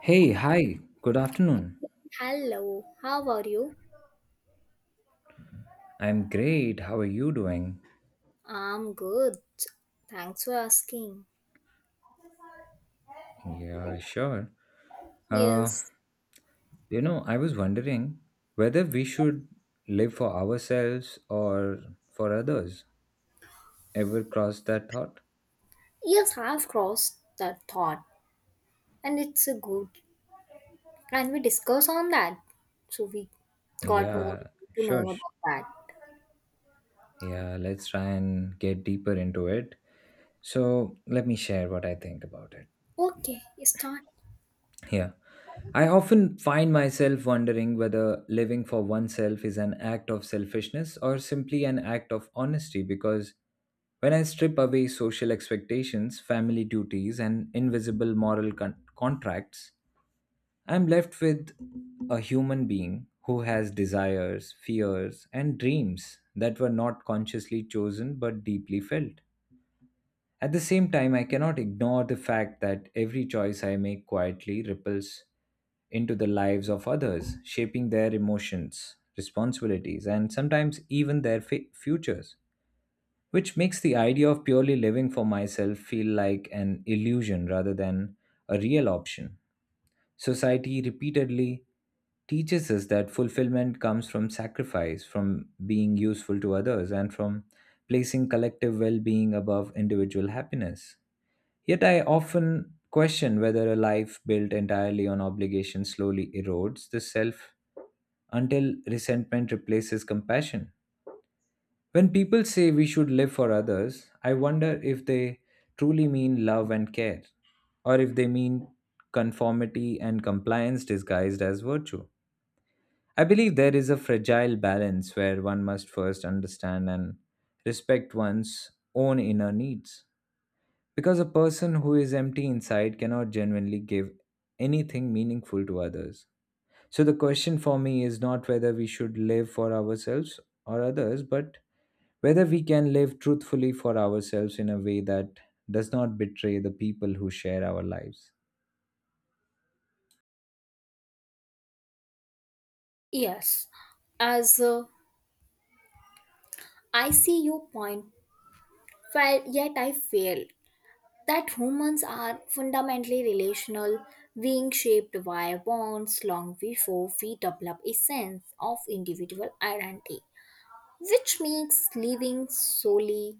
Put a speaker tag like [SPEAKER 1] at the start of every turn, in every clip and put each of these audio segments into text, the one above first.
[SPEAKER 1] Hey, hi, good afternoon.
[SPEAKER 2] Hello, how are you?
[SPEAKER 1] I'm great. How are you doing?
[SPEAKER 2] I'm good. Thanks for asking.
[SPEAKER 1] Yeah, sure. Uh,
[SPEAKER 2] Yes,
[SPEAKER 1] I was wondering whether we should live for ourselves or for others. Ever crossed that thought?
[SPEAKER 2] yes, I've crossed that thought, and it's a good. Can we discuss on that, so we got more
[SPEAKER 1] Yeah,
[SPEAKER 2] to
[SPEAKER 1] sure.
[SPEAKER 2] know
[SPEAKER 1] sh-
[SPEAKER 2] about that.
[SPEAKER 1] Yeah, let's try and get deeper into it. So, let me share what I think about it.
[SPEAKER 2] Okay, start.
[SPEAKER 1] Yeah. I often find myself wondering whether living for oneself is an act of selfishness or simply an act of honesty because when I strip away social expectations, family duties, and invisible moral contracts, I'm left with a human being who has desires, fears, and dreams that were not consciously chosen but deeply felt. At the same time, I cannot ignore the fact that every choice I make quietly ripples into the lives of others, shaping their emotions, responsibilities, and sometimes even their futures, which makes the idea of purely living for myself feel like an illusion rather than a real option. Society repeatedly teaches us that fulfillment comes from sacrifice, from being useful to others, and from placing collective well being above individual happiness. Yet I often question whether a life built entirely on obligation slowly erodes the self until resentment replaces compassion. When people say we should live for others, I wonder if they truly mean love and care, or if they mean conformity and compliance disguised as virtue. I believe there is a fragile balance where one must first understand and respect one's own inner needs. Because a person who is empty inside cannot genuinely give anything meaningful to others. So the question for me is not whether we should live for ourselves or others, but whether we can live truthfully for ourselves in a way that does not betray the people who share our lives.
[SPEAKER 2] Yes, as I see your point, well, yet I failed. That humans are fundamentally relational, being shaped by bonds long before we develop a sense of individual identity, which makes living solely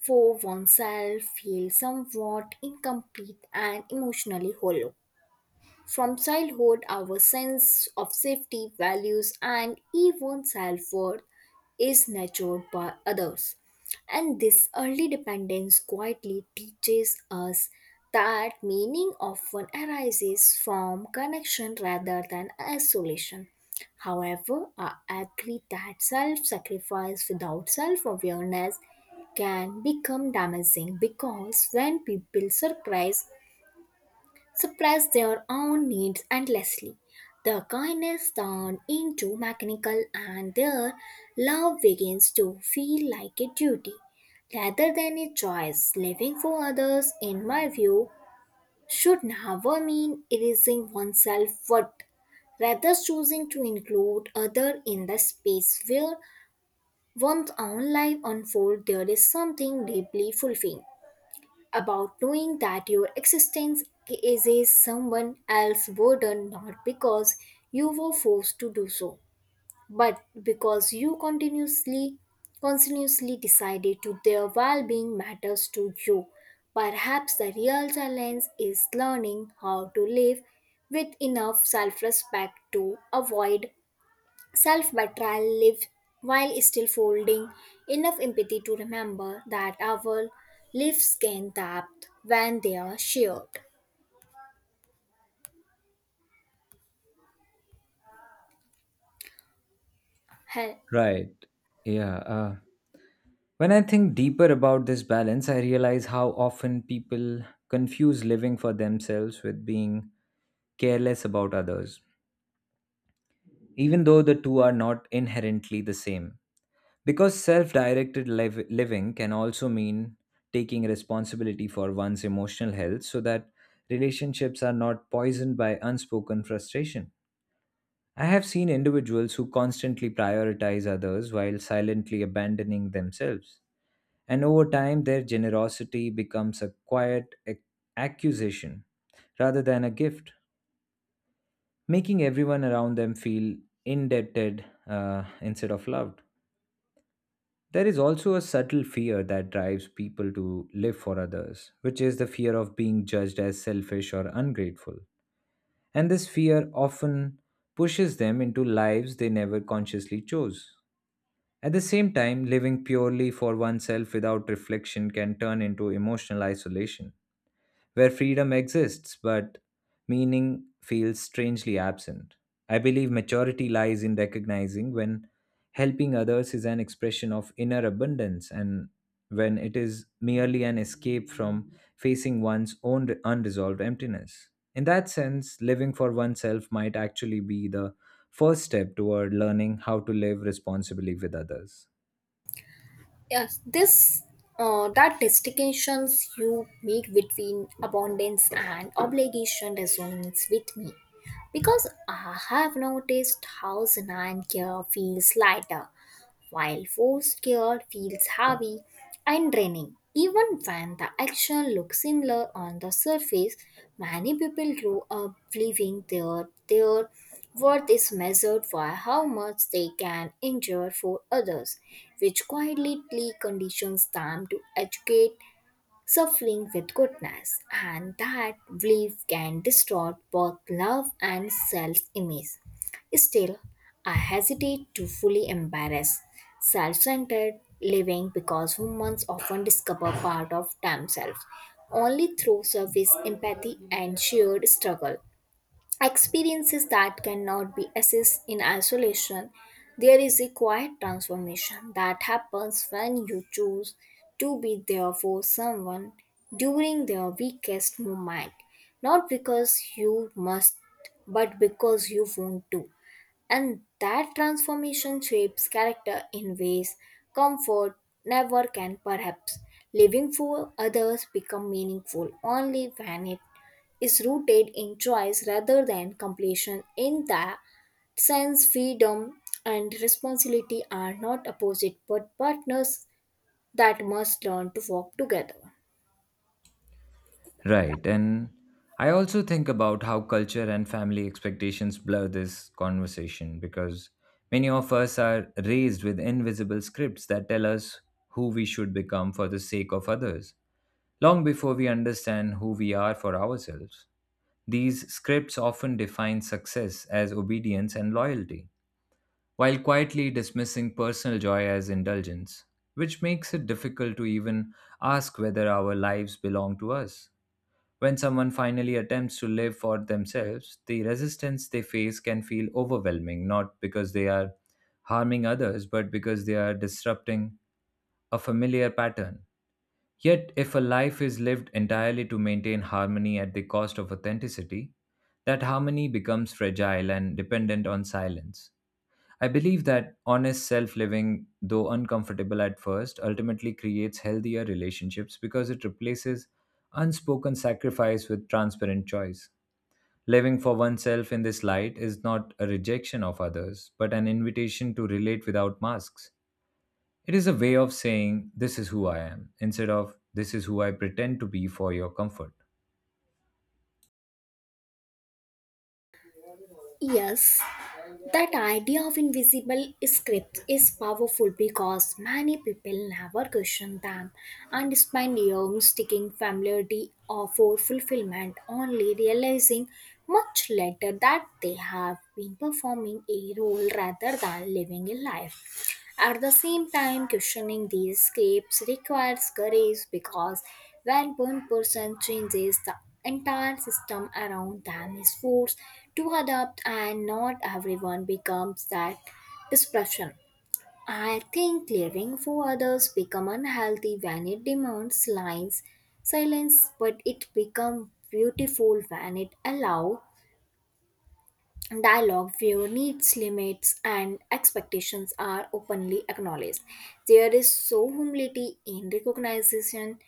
[SPEAKER 2] for oneself feel somewhat incomplete and emotionally hollow. From childhood, our sense of safety, values, and even self worth is nurtured by others. And this early dependence quietly teaches us that meaning often arises from connection rather than isolation. However, I agree that self sacrifice without self awareness can become damaging because when people surprise suppress their own needs endlessly. The kindness turns into mechanical and their love begins to feel like a duty rather than a choice. Living for others, in my view, should never mean erasing oneself worth, rather choosing to include other in the space where one's own life unfolds. There is something deeply fulfilling about knowing that your existence is a someone else's burden, not because you were forced to do so but because you continuously decided to their well-being matters to you. Perhaps the real challenge is learning how to live with enough self-respect to avoid self betrayal lives while still folding enough empathy to remember that our lives gain depth when they are shared. Hel-
[SPEAKER 1] Right. Yeah. Uh, when I think deeper about this balance, I realize how often people confuse living for themselves with being careless about others, even though the two are not inherently the same. Because self directed living can also mean taking responsibility for one's emotional health so that relationships are not poisoned by unspoken frustration. I have seen individuals who constantly prioritize others while silently abandoning themselves. And over time, their generosity becomes a quiet accusation rather than a gift, making everyone around them feel indebted instead of loved. There is also a subtle fear that drives people to live for others, which is the fear of being judged as selfish or ungrateful. And this fear often pushes them into lives they never consciously chose. At the same time, living purely for oneself without reflection can turn into emotional isolation where freedom exists but meaning feels strangely absent. I believe maturity lies in recognizing when helping others is an expression of inner abundance and when it is merely an escape from facing one's own unresolved emptiness. In that sense, living for oneself might actually be the first step toward learning how to live responsibly with others.
[SPEAKER 2] Yes, this that distinctions you make between abundance and obligation resonates with me because I have noticed how Zanan care feels lighter while forced care feels heavy and draining. Even when the action looks similar on the surface, many people grow up believing their worth is measured by how much they can endure for others, which quietly conditions them to educate suffering with goodness, and that belief can distort both love and self image. Still, I hesitate to fully embrace self centered living because humans often discover part of themselves only through service, empathy, and shared struggle experiences that cannot be assessed in isolation. There is a quiet transformation that happens when you choose to be there for someone during their weakest moment, not because you must, but because you want to. And that transformation shapes character in ways comfort never can, perhaps. Living for others become meaningful only when it is rooted in choice rather than completion. In that sense, freedom and responsibility are not opposite but partners that must learn to work together.
[SPEAKER 1] Right. And I also think about how culture and family expectations blur this conversation because many of us are raised with invisible scripts that tell us who we should become for the sake of others, long before we understand who we are for ourselves. These scripts often define success as obedience and loyalty, while quietly dismissing personal joy as indulgence, which makes it difficult to even ask whether our lives belong to us. When someone finally attempts to live for themselves, the resistance they face can feel overwhelming, not because they are harming others, but because they are disrupting a familiar pattern. Yet, if a life is lived entirely to maintain harmony at the cost of authenticity, that harmony becomes fragile and dependent on silence. I believe that honest self living, though uncomfortable at first, ultimately creates healthier relationships because it replaces unspoken sacrifice with transparent choice. Living for oneself in this light is not a rejection of others, but an invitation to relate without masks. It is a way of saying, "This is who I am," instead of, "This is who I pretend to be for your comfort."
[SPEAKER 2] Yes, that idea of invisible scripts is powerful because many people never question them and spend years seeking familiarity or for fulfillment, only realizing much later that they have been performing a role rather than living a life. At the same time, questioning these scripts requires courage because when one person changes, the entire system around them is forced to adapt, and not everyone becomes that disruption. I think living for others become unhealthy when it demands lines, silence, but it become beautiful when it allows dialogue where needs, limits, and expectations are openly acknowledged. There is so humility in recognition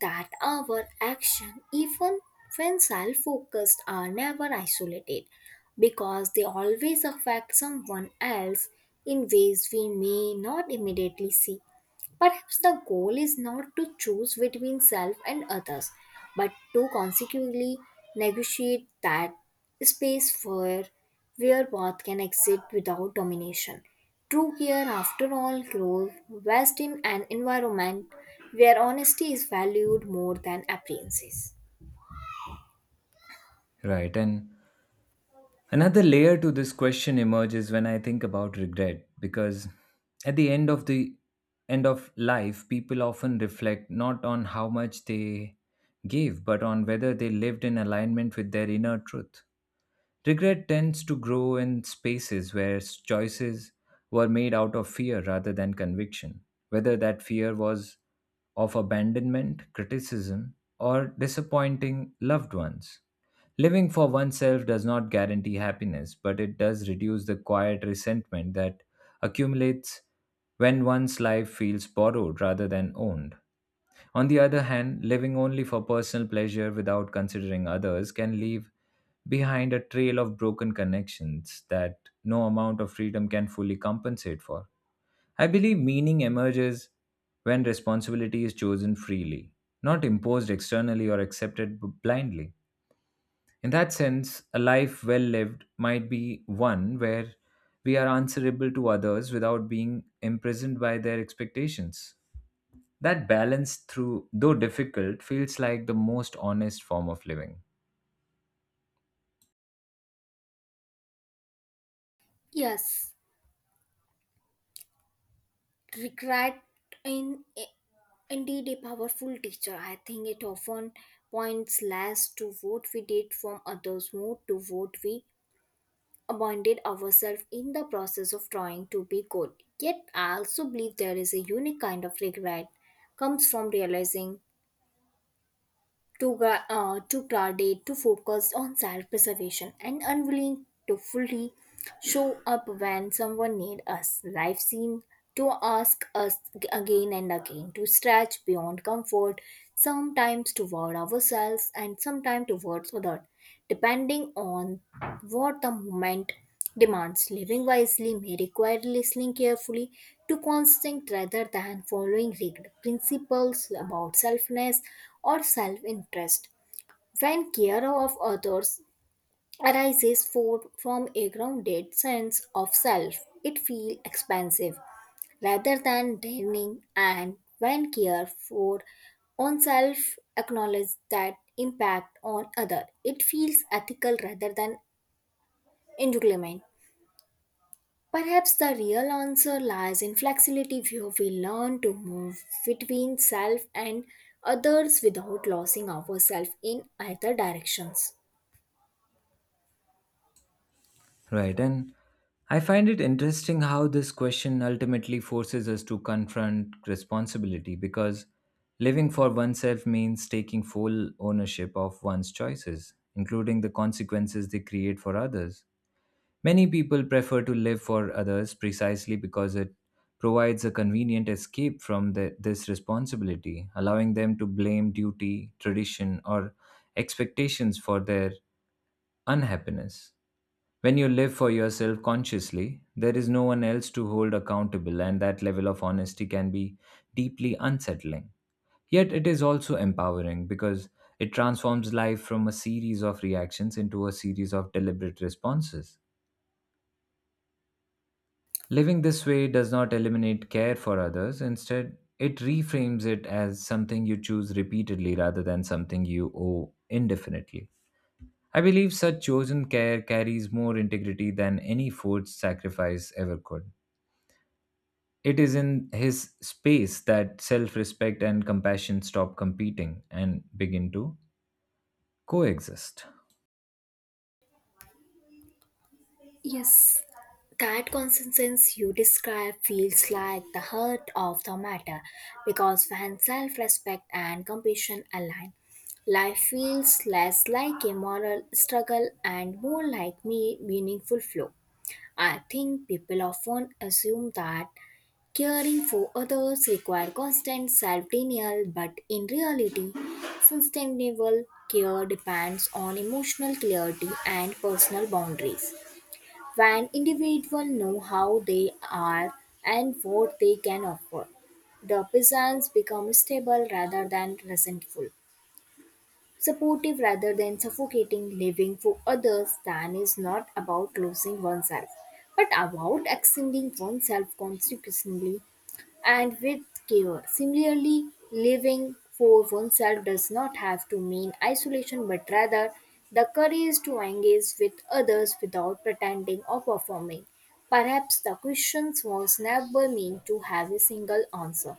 [SPEAKER 2] that our action, even when self focused, are never isolated because they always affect someone else in ways we may not immediately see. Perhaps the goal is not to choose between self and others, but to consequently negotiate that space for where both can exist without domination. True care, after all, grows best in an environment where honesty is valued more than appearances.
[SPEAKER 1] Right, and another layer to this question emerges when I think about regret because at the end of life people often reflect not on how much they gave but on whether they lived in alignment with their inner truth. Regret tends to grow in spaces where choices were made out of fear rather than conviction, whether that fear was of abandonment, criticism, or disappointing loved ones. Living for oneself does not guarantee happiness, but it does reduce the quiet resentment that accumulates when one's life feels borrowed rather than owned. On the other hand, living only for personal pleasure without considering others can leave behind a trail of broken connections that no amount of freedom can fully compensate for. I believe meaning emerges when responsibility is chosen freely, not imposed externally or accepted blindly. In that sense, a life well lived might be one where we are answerable to others without being imprisoned by their expectations. That balance, through though difficult, feels like the most honest form of living.
[SPEAKER 2] Yes, regret in indeed a powerful teacher. I think it often points less to what we did from others more to what we abandoned ourselves in the process of trying to be good. Yet I also believe there is a unique kind of regret comes from realizing too guarded, too focused on self preservation, and unwilling to fully show up when someone needs us. Life seems to ask us g- again and again to stretch beyond comfort, sometimes toward ourselves and sometimes towards others, depending on what the moment demands. Living wisely may require listening carefully to constant rather than following rigid principles about selfness or self interest. When care of others arises for, from a grounded sense of self, it feels expansive rather than draining, and when care for oneself acknowledges that impact on other, it feels ethical rather than entanglement. Perhaps the real answer lies in flexibility where we learn to move between self and others without losing ourselves in either directions.
[SPEAKER 1] Right, and I find it interesting how this question ultimately forces us to confront responsibility because living for oneself means taking full ownership of one's choices, including the consequences they create for others. Many people prefer to live for others precisely because it provides a convenient escape from this responsibility, allowing them to blame duty, tradition, or expectations for their unhappiness. When you live for yourself consciously, there is no one else to hold accountable, and that level of honesty can be deeply unsettling. Yet it is also empowering because it transforms life from a series of reactions into a series of deliberate responses. Living this way does not eliminate care for others. Instead, it reframes it as something you choose repeatedly rather than something you owe indefinitely. I believe such chosen care carries more integrity than any forced sacrifice ever could. It is in his space that self respect and compassion stop competing and begin to coexist.
[SPEAKER 2] Yes, that consensus you describe feels like the heart of the matter because when self respect and compassion align, life feels less like a moral struggle and more like me meaningful flow. I think people often assume that caring for others requires constant self denial, but in reality, sustainable care depends on emotional clarity and personal boundaries. When individuals know how they are and what they can offer, the presence becomes stable rather than resentful supportive rather than suffocating. Living for others than is not about losing oneself but about extending oneself consequently and with care. Similarly, living for oneself does not have to mean isolation but rather the courage to engage with others without pretending or performing. Perhaps the question was never meant to have a single answer,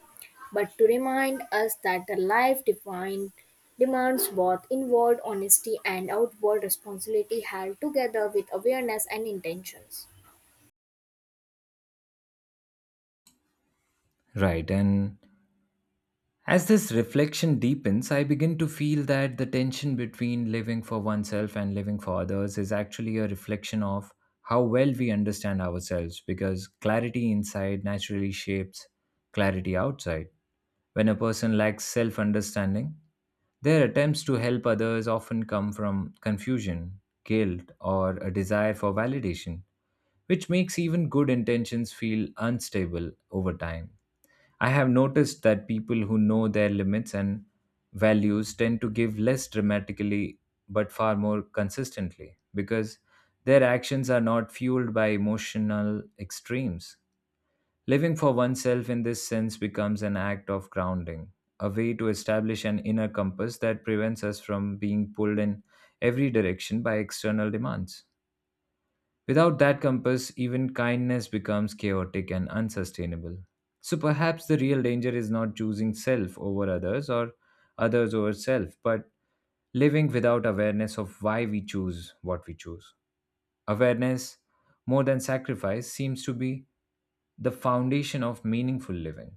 [SPEAKER 2] but to remind us that the life defined demands both inward honesty and outward responsibility held together with awareness and intentions.
[SPEAKER 1] Right, and as this reflection deepens, I begin to feel that the tension between living for oneself and living for others is actually a reflection of how well we understand ourselves because clarity inside naturally shapes clarity outside. When a person lacks self understanding, their attempts to help others often come from confusion, guilt, or a desire for validation, which makes even good intentions feel unstable over time. I have noticed that people who know their limits and values tend to give less dramatically but far more consistently because their actions are not fueled by emotional extremes. Living for oneself in this sense becomes an act of grounding, a way to establish an inner compass that prevents us from being pulled in every direction by external demands. Without that compass, even kindness becomes chaotic and unsustainable. So perhaps the real danger is not choosing self over others or others over self, but living without awareness of why we choose what we choose. Awareness, more than sacrifice, seems to be the foundation of meaningful living.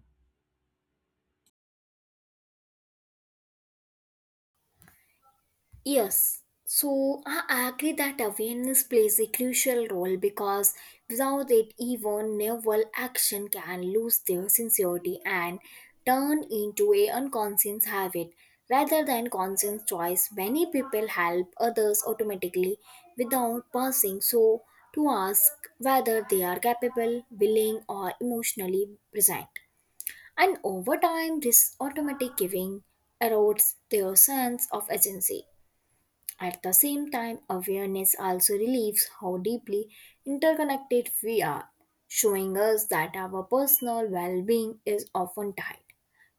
[SPEAKER 2] Yes, so I agree that awareness plays a crucial role because without it, even naval action can lose their sincerity and turn into a unconscious habit. Rather than conscious choice, many people help others automatically without pausing so to ask whether they are capable, willing, or emotionally present. And over time, this automatic giving erodes their sense of agency. At the same time, awareness also relieves how deeply interconnected we are, showing us that our personal well being is often tied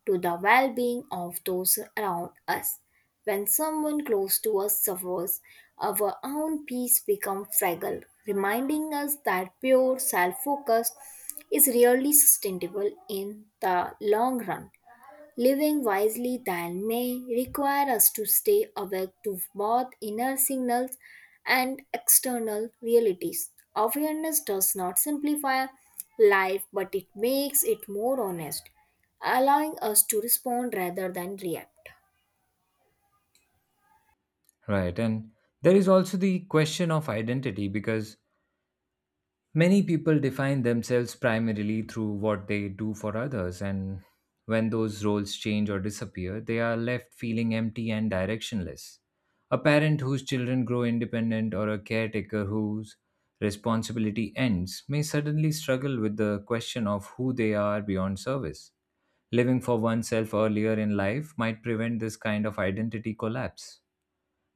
[SPEAKER 2] to the well being of those around us. When someone close to us suffers, our own peace becomes fragile, reminding us that pure self focus is rarely sustainable in the long run. Living wisely then may require us to stay awake to both inner signals and external realities. Awareness does not simplify life, but it makes it more honest, allowing us to respond rather than react.
[SPEAKER 1] Right. And there is also the question of identity because many people define themselves primarily through what they do for others, and when those roles change or disappear, they are left feeling empty and directionless. A parent whose children grow independent or a caretaker whose responsibility ends may suddenly struggle with the question of who they are beyond service. Living for oneself earlier in life might prevent this kind of identity collapse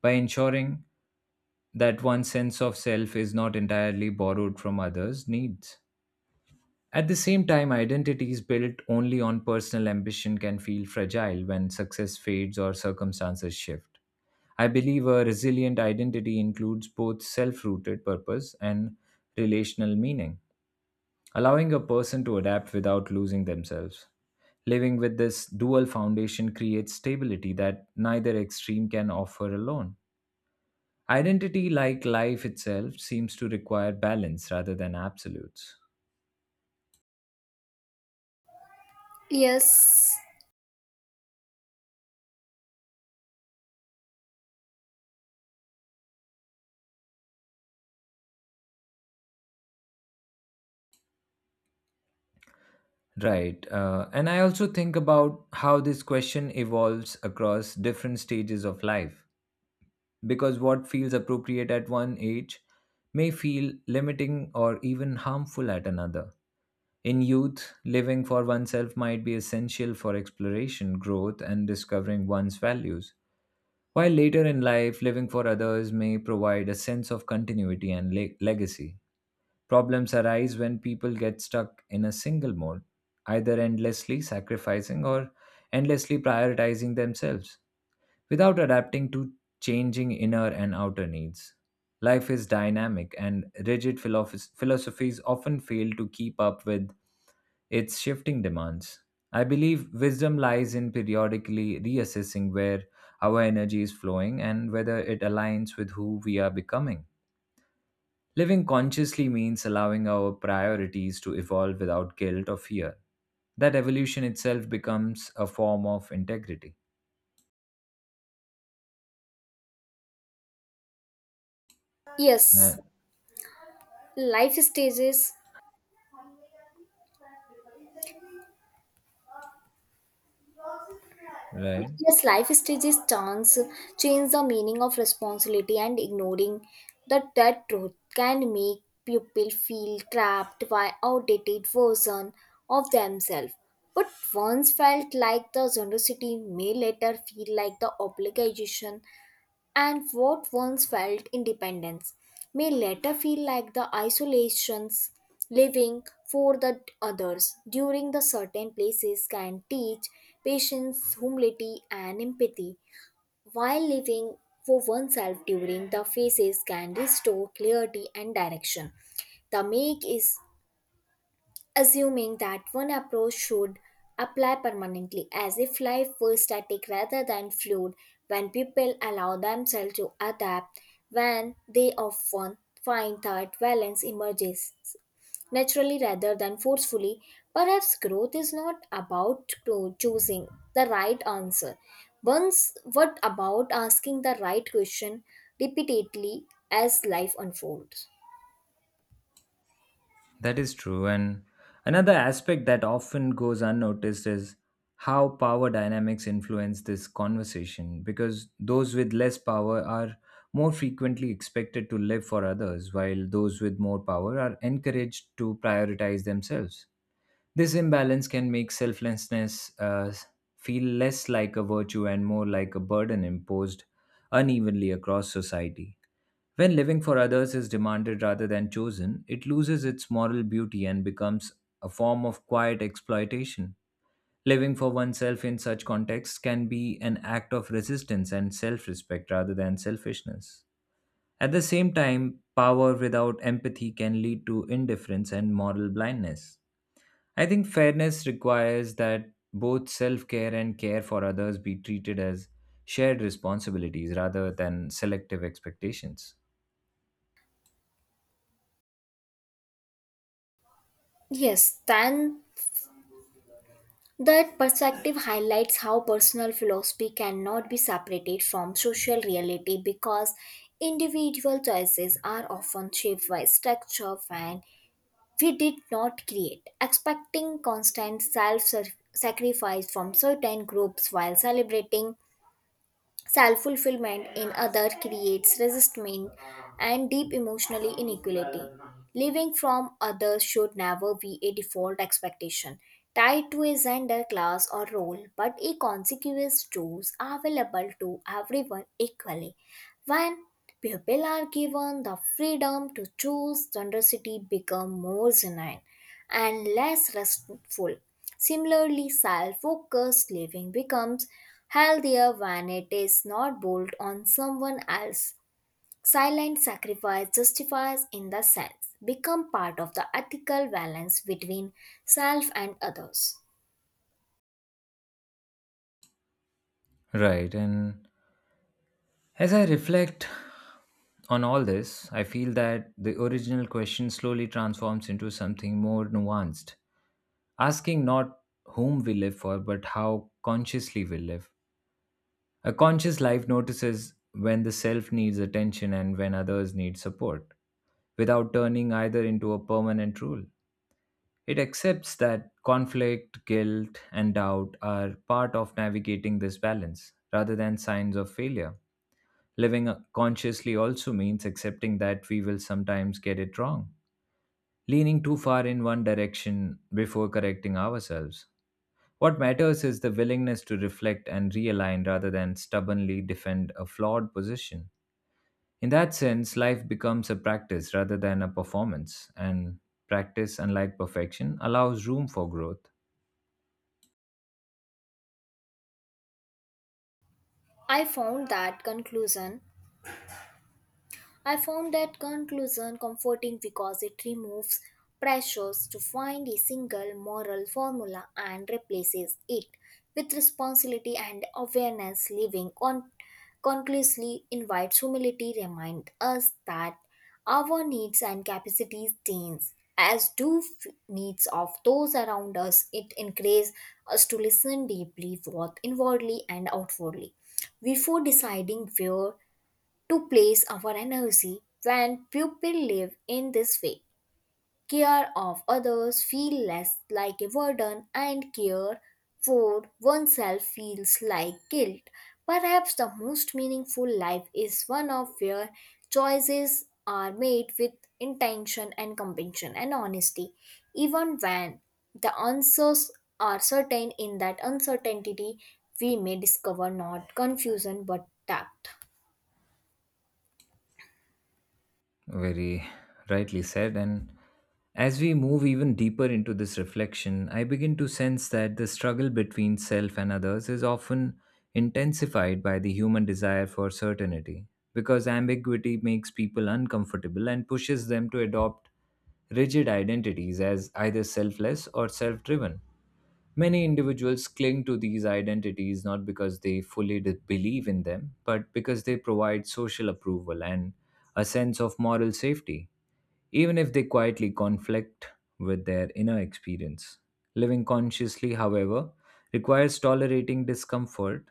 [SPEAKER 1] by ensuring that one's sense of self is not entirely borrowed from others' needs. At the same time, identities built only on personal ambition can feel fragile when success fades or circumstances shift. I believe a resilient identity includes both self rooted purpose and relational meaning, allowing a person to adapt without losing themselves. Living with this dual foundation creates stability that neither extreme can offer alone. Identity, like life itself, seems to require balance rather than absolutes.
[SPEAKER 2] Yes,
[SPEAKER 1] Right. And I also think about how this question evolves across different stages of life, because what feels appropriate at one age may feel limiting or even harmful at another. In youth, living for oneself might be essential for exploration, growth, and discovering one's values, while later in life, living for others may provide a sense of continuity and legacy. Problems arise when people get stuck in a single mode, either endlessly sacrificing or endlessly prioritizing themselves, without adapting to changing inner and outer needs. Life is dynamic, and rigid philosophies often fail to keep up with its shifting demands. I believe wisdom lies in periodically reassessing where our energy is flowing and whether it aligns with who we are becoming. Living consciously means allowing our priorities to evolve without guilt or fear. That evolution itself becomes a form of integrity.
[SPEAKER 2] yes.
[SPEAKER 1] Right.
[SPEAKER 2] Life stages.
[SPEAKER 1] Right.
[SPEAKER 2] Yes, life stages chance change the meaning of responsibility and ignoring that truth can make people feel trapped by outdated version of themselves. But once felt like the generosity may later feel like the obligation and what once felt independence may later feel like the isolations. Living for the others during the certain places can teach patience, humility, and empathy, while living for oneself during the phases can restore clarity and direction. The make is assuming that one approach should apply permanently, as if life were static rather than fluid, when people allow themselves to adapt, when they often find that balance emerges naturally rather than forcefully. Perhaps growth is not about to choosing the right answer. Once, what about asking the right question repeatedly as life unfolds?
[SPEAKER 1] That is true. And another aspect that often goes unnoticed is how power dynamics influence this conversation, because those with less power are more frequently expected to live for others, while those with more power are encouraged to prioritize themselves. This imbalance can make selflessness feel less like a virtue and more like a burden imposed unevenly across society. When living for others is demanded rather than chosen, it loses its moral beauty and becomes a form of quiet exploitation. Living for oneself in such contexts can be an act of resistance and self respect rather than selfishness. At the same time, power without empathy can lead to indifference and moral blindness. I think fairness requires that both self care and care for others be treated as shared responsibilities rather than selective expectations.
[SPEAKER 2] Yes, then that perspective highlights how personal philosophy cannot be separated from social reality because individual choices are often shaped by structure and we did not create, expecting constant self sacrifice from certain groups while celebrating self fulfillment in other creates resistment and deep emotional inequality. Living from others should never be a default expectation tied to a gender, class, or role, but a consequence tools available to everyone equally. When people are given the freedom to choose, generosity become more genuine and less restful. Similarly, self focused living becomes healthier when it is not built on someone else. Silent sacrifice justifies, in the sense, become part of the ethical balance between self and others.
[SPEAKER 1] Right, and as I reflect on all this, I feel that the original question slowly transforms into something more nuanced, asking not whom we live for, but how consciously we live. A conscious life notices when the self needs attention and when others need support without turning either into a permanent rule. It accepts that conflict, guilt, and doubt are part of navigating this balance rather than signs of failure. Living consciously also means accepting that we will sometimes get it wrong, leaning too far in one direction before correcting ourselves. What matters is the willingness to reflect and realign rather than stubbornly defend a flawed position. In that sense, life becomes a practice rather than a performance, and practice, unlike perfection, allows room for growth.
[SPEAKER 2] I found that conclusion I found that conclusion comforting because it removes pressures to find a single moral formula and replaces it with responsibility and awareness. Living conclusively invites humility, remind us that our needs and capacities change as do f- needs of those around us. It encourages us to listen deeply, both inwardly and outwardly before deciding where to place our energy when people live in this way. Care of others feel less like a burden and care for oneself feels like guilt. Perhaps the most meaningful life is one of where choices are made with intention and compassion and honesty, even when the answers are certain in that uncertainty we may discover not confusion but doubt.
[SPEAKER 1] Very rightly said. And as we move even deeper into this reflection, I begin to sense that the struggle between self and others is often intensified by the human desire for certainty, because ambiguity makes people uncomfortable and pushes them to adopt rigid identities as either selfless or self driven. Many individuals cling to these identities not because they believe in them, but because they provide social approval and a sense of moral safety, even if they quietly conflict with their inner experience. Living consciously, however, requires tolerating discomfort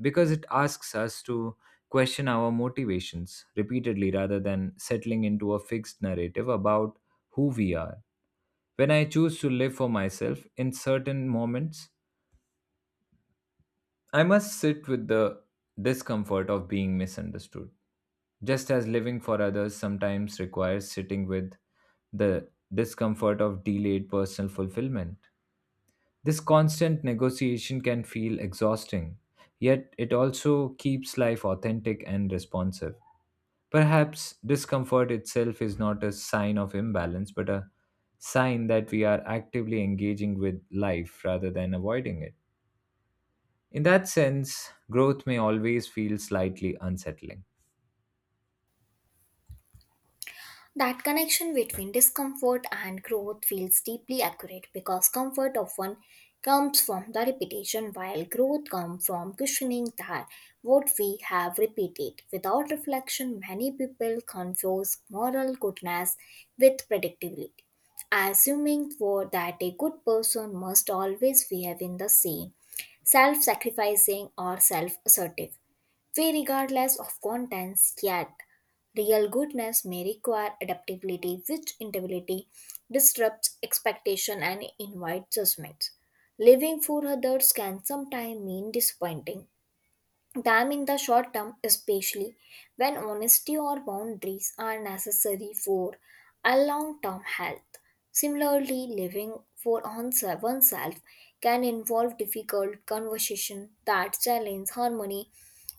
[SPEAKER 1] because it asks us to question our motivations repeatedly rather than settling into a fixed narrative about who we are. When I choose to live for myself in certain moments, I must sit with the discomfort of being misunderstood, just as living for others sometimes requires sitting with the discomfort of delayed personal fulfillment. This constant negotiation can feel exhausting, yet it also keeps life authentic and responsive. Perhaps discomfort itself is not a sign of imbalance, but a sign that we are actively engaging with life rather than avoiding it. In that sense, growth may always feel slightly unsettling.
[SPEAKER 2] That connection between discomfort and growth feels deeply accurate because comfort often comes from the repetition, while growth comes from questioning that what we have repeated. Without reflection, many people confuse moral goodness with predictability, assuming for that a good person must always behave in the same self sacrificing or self assertive we regardless of contents, yet real goodness may require adaptability, which inability disrupts expectation and invites judgments. Living for others can sometimes mean disappointing time in the short term, especially when honesty or boundaries are necessary for a long term health. Similarly, living for oneself can involve difficult conversations that challenge harmony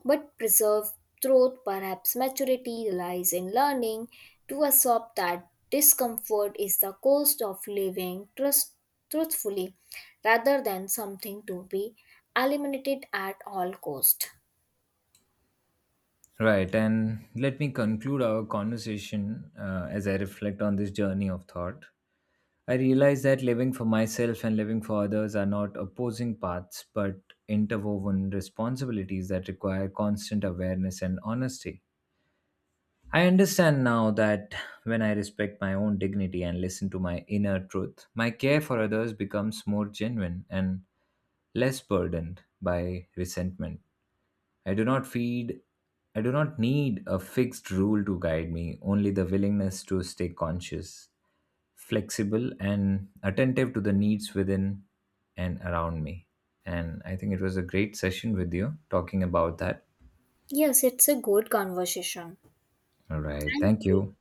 [SPEAKER 2] but preserve truth. Perhaps maturity lies in learning to accept that discomfort is the cost of living truthfully rather than something to be eliminated at all cost.
[SPEAKER 1] Right, and let me conclude our conversation, as I reflect on this journey of thought. I realize that living for myself and living for others are not opposing paths but interwoven responsibilities that require constant awareness and honesty. I understand now that when I respect my own dignity and listen to my inner truth, my care for others becomes more genuine and less burdened by resentment. I do not feed I do not need a fixed rule to guide me, only the willingness to stay conscious, flexible and attentive to the needs within and around me. And I think it was a great session with you talking about that.
[SPEAKER 2] Yes, it's a good conversation.
[SPEAKER 1] All right.
[SPEAKER 2] Thank
[SPEAKER 1] Thank
[SPEAKER 2] you.
[SPEAKER 1] you.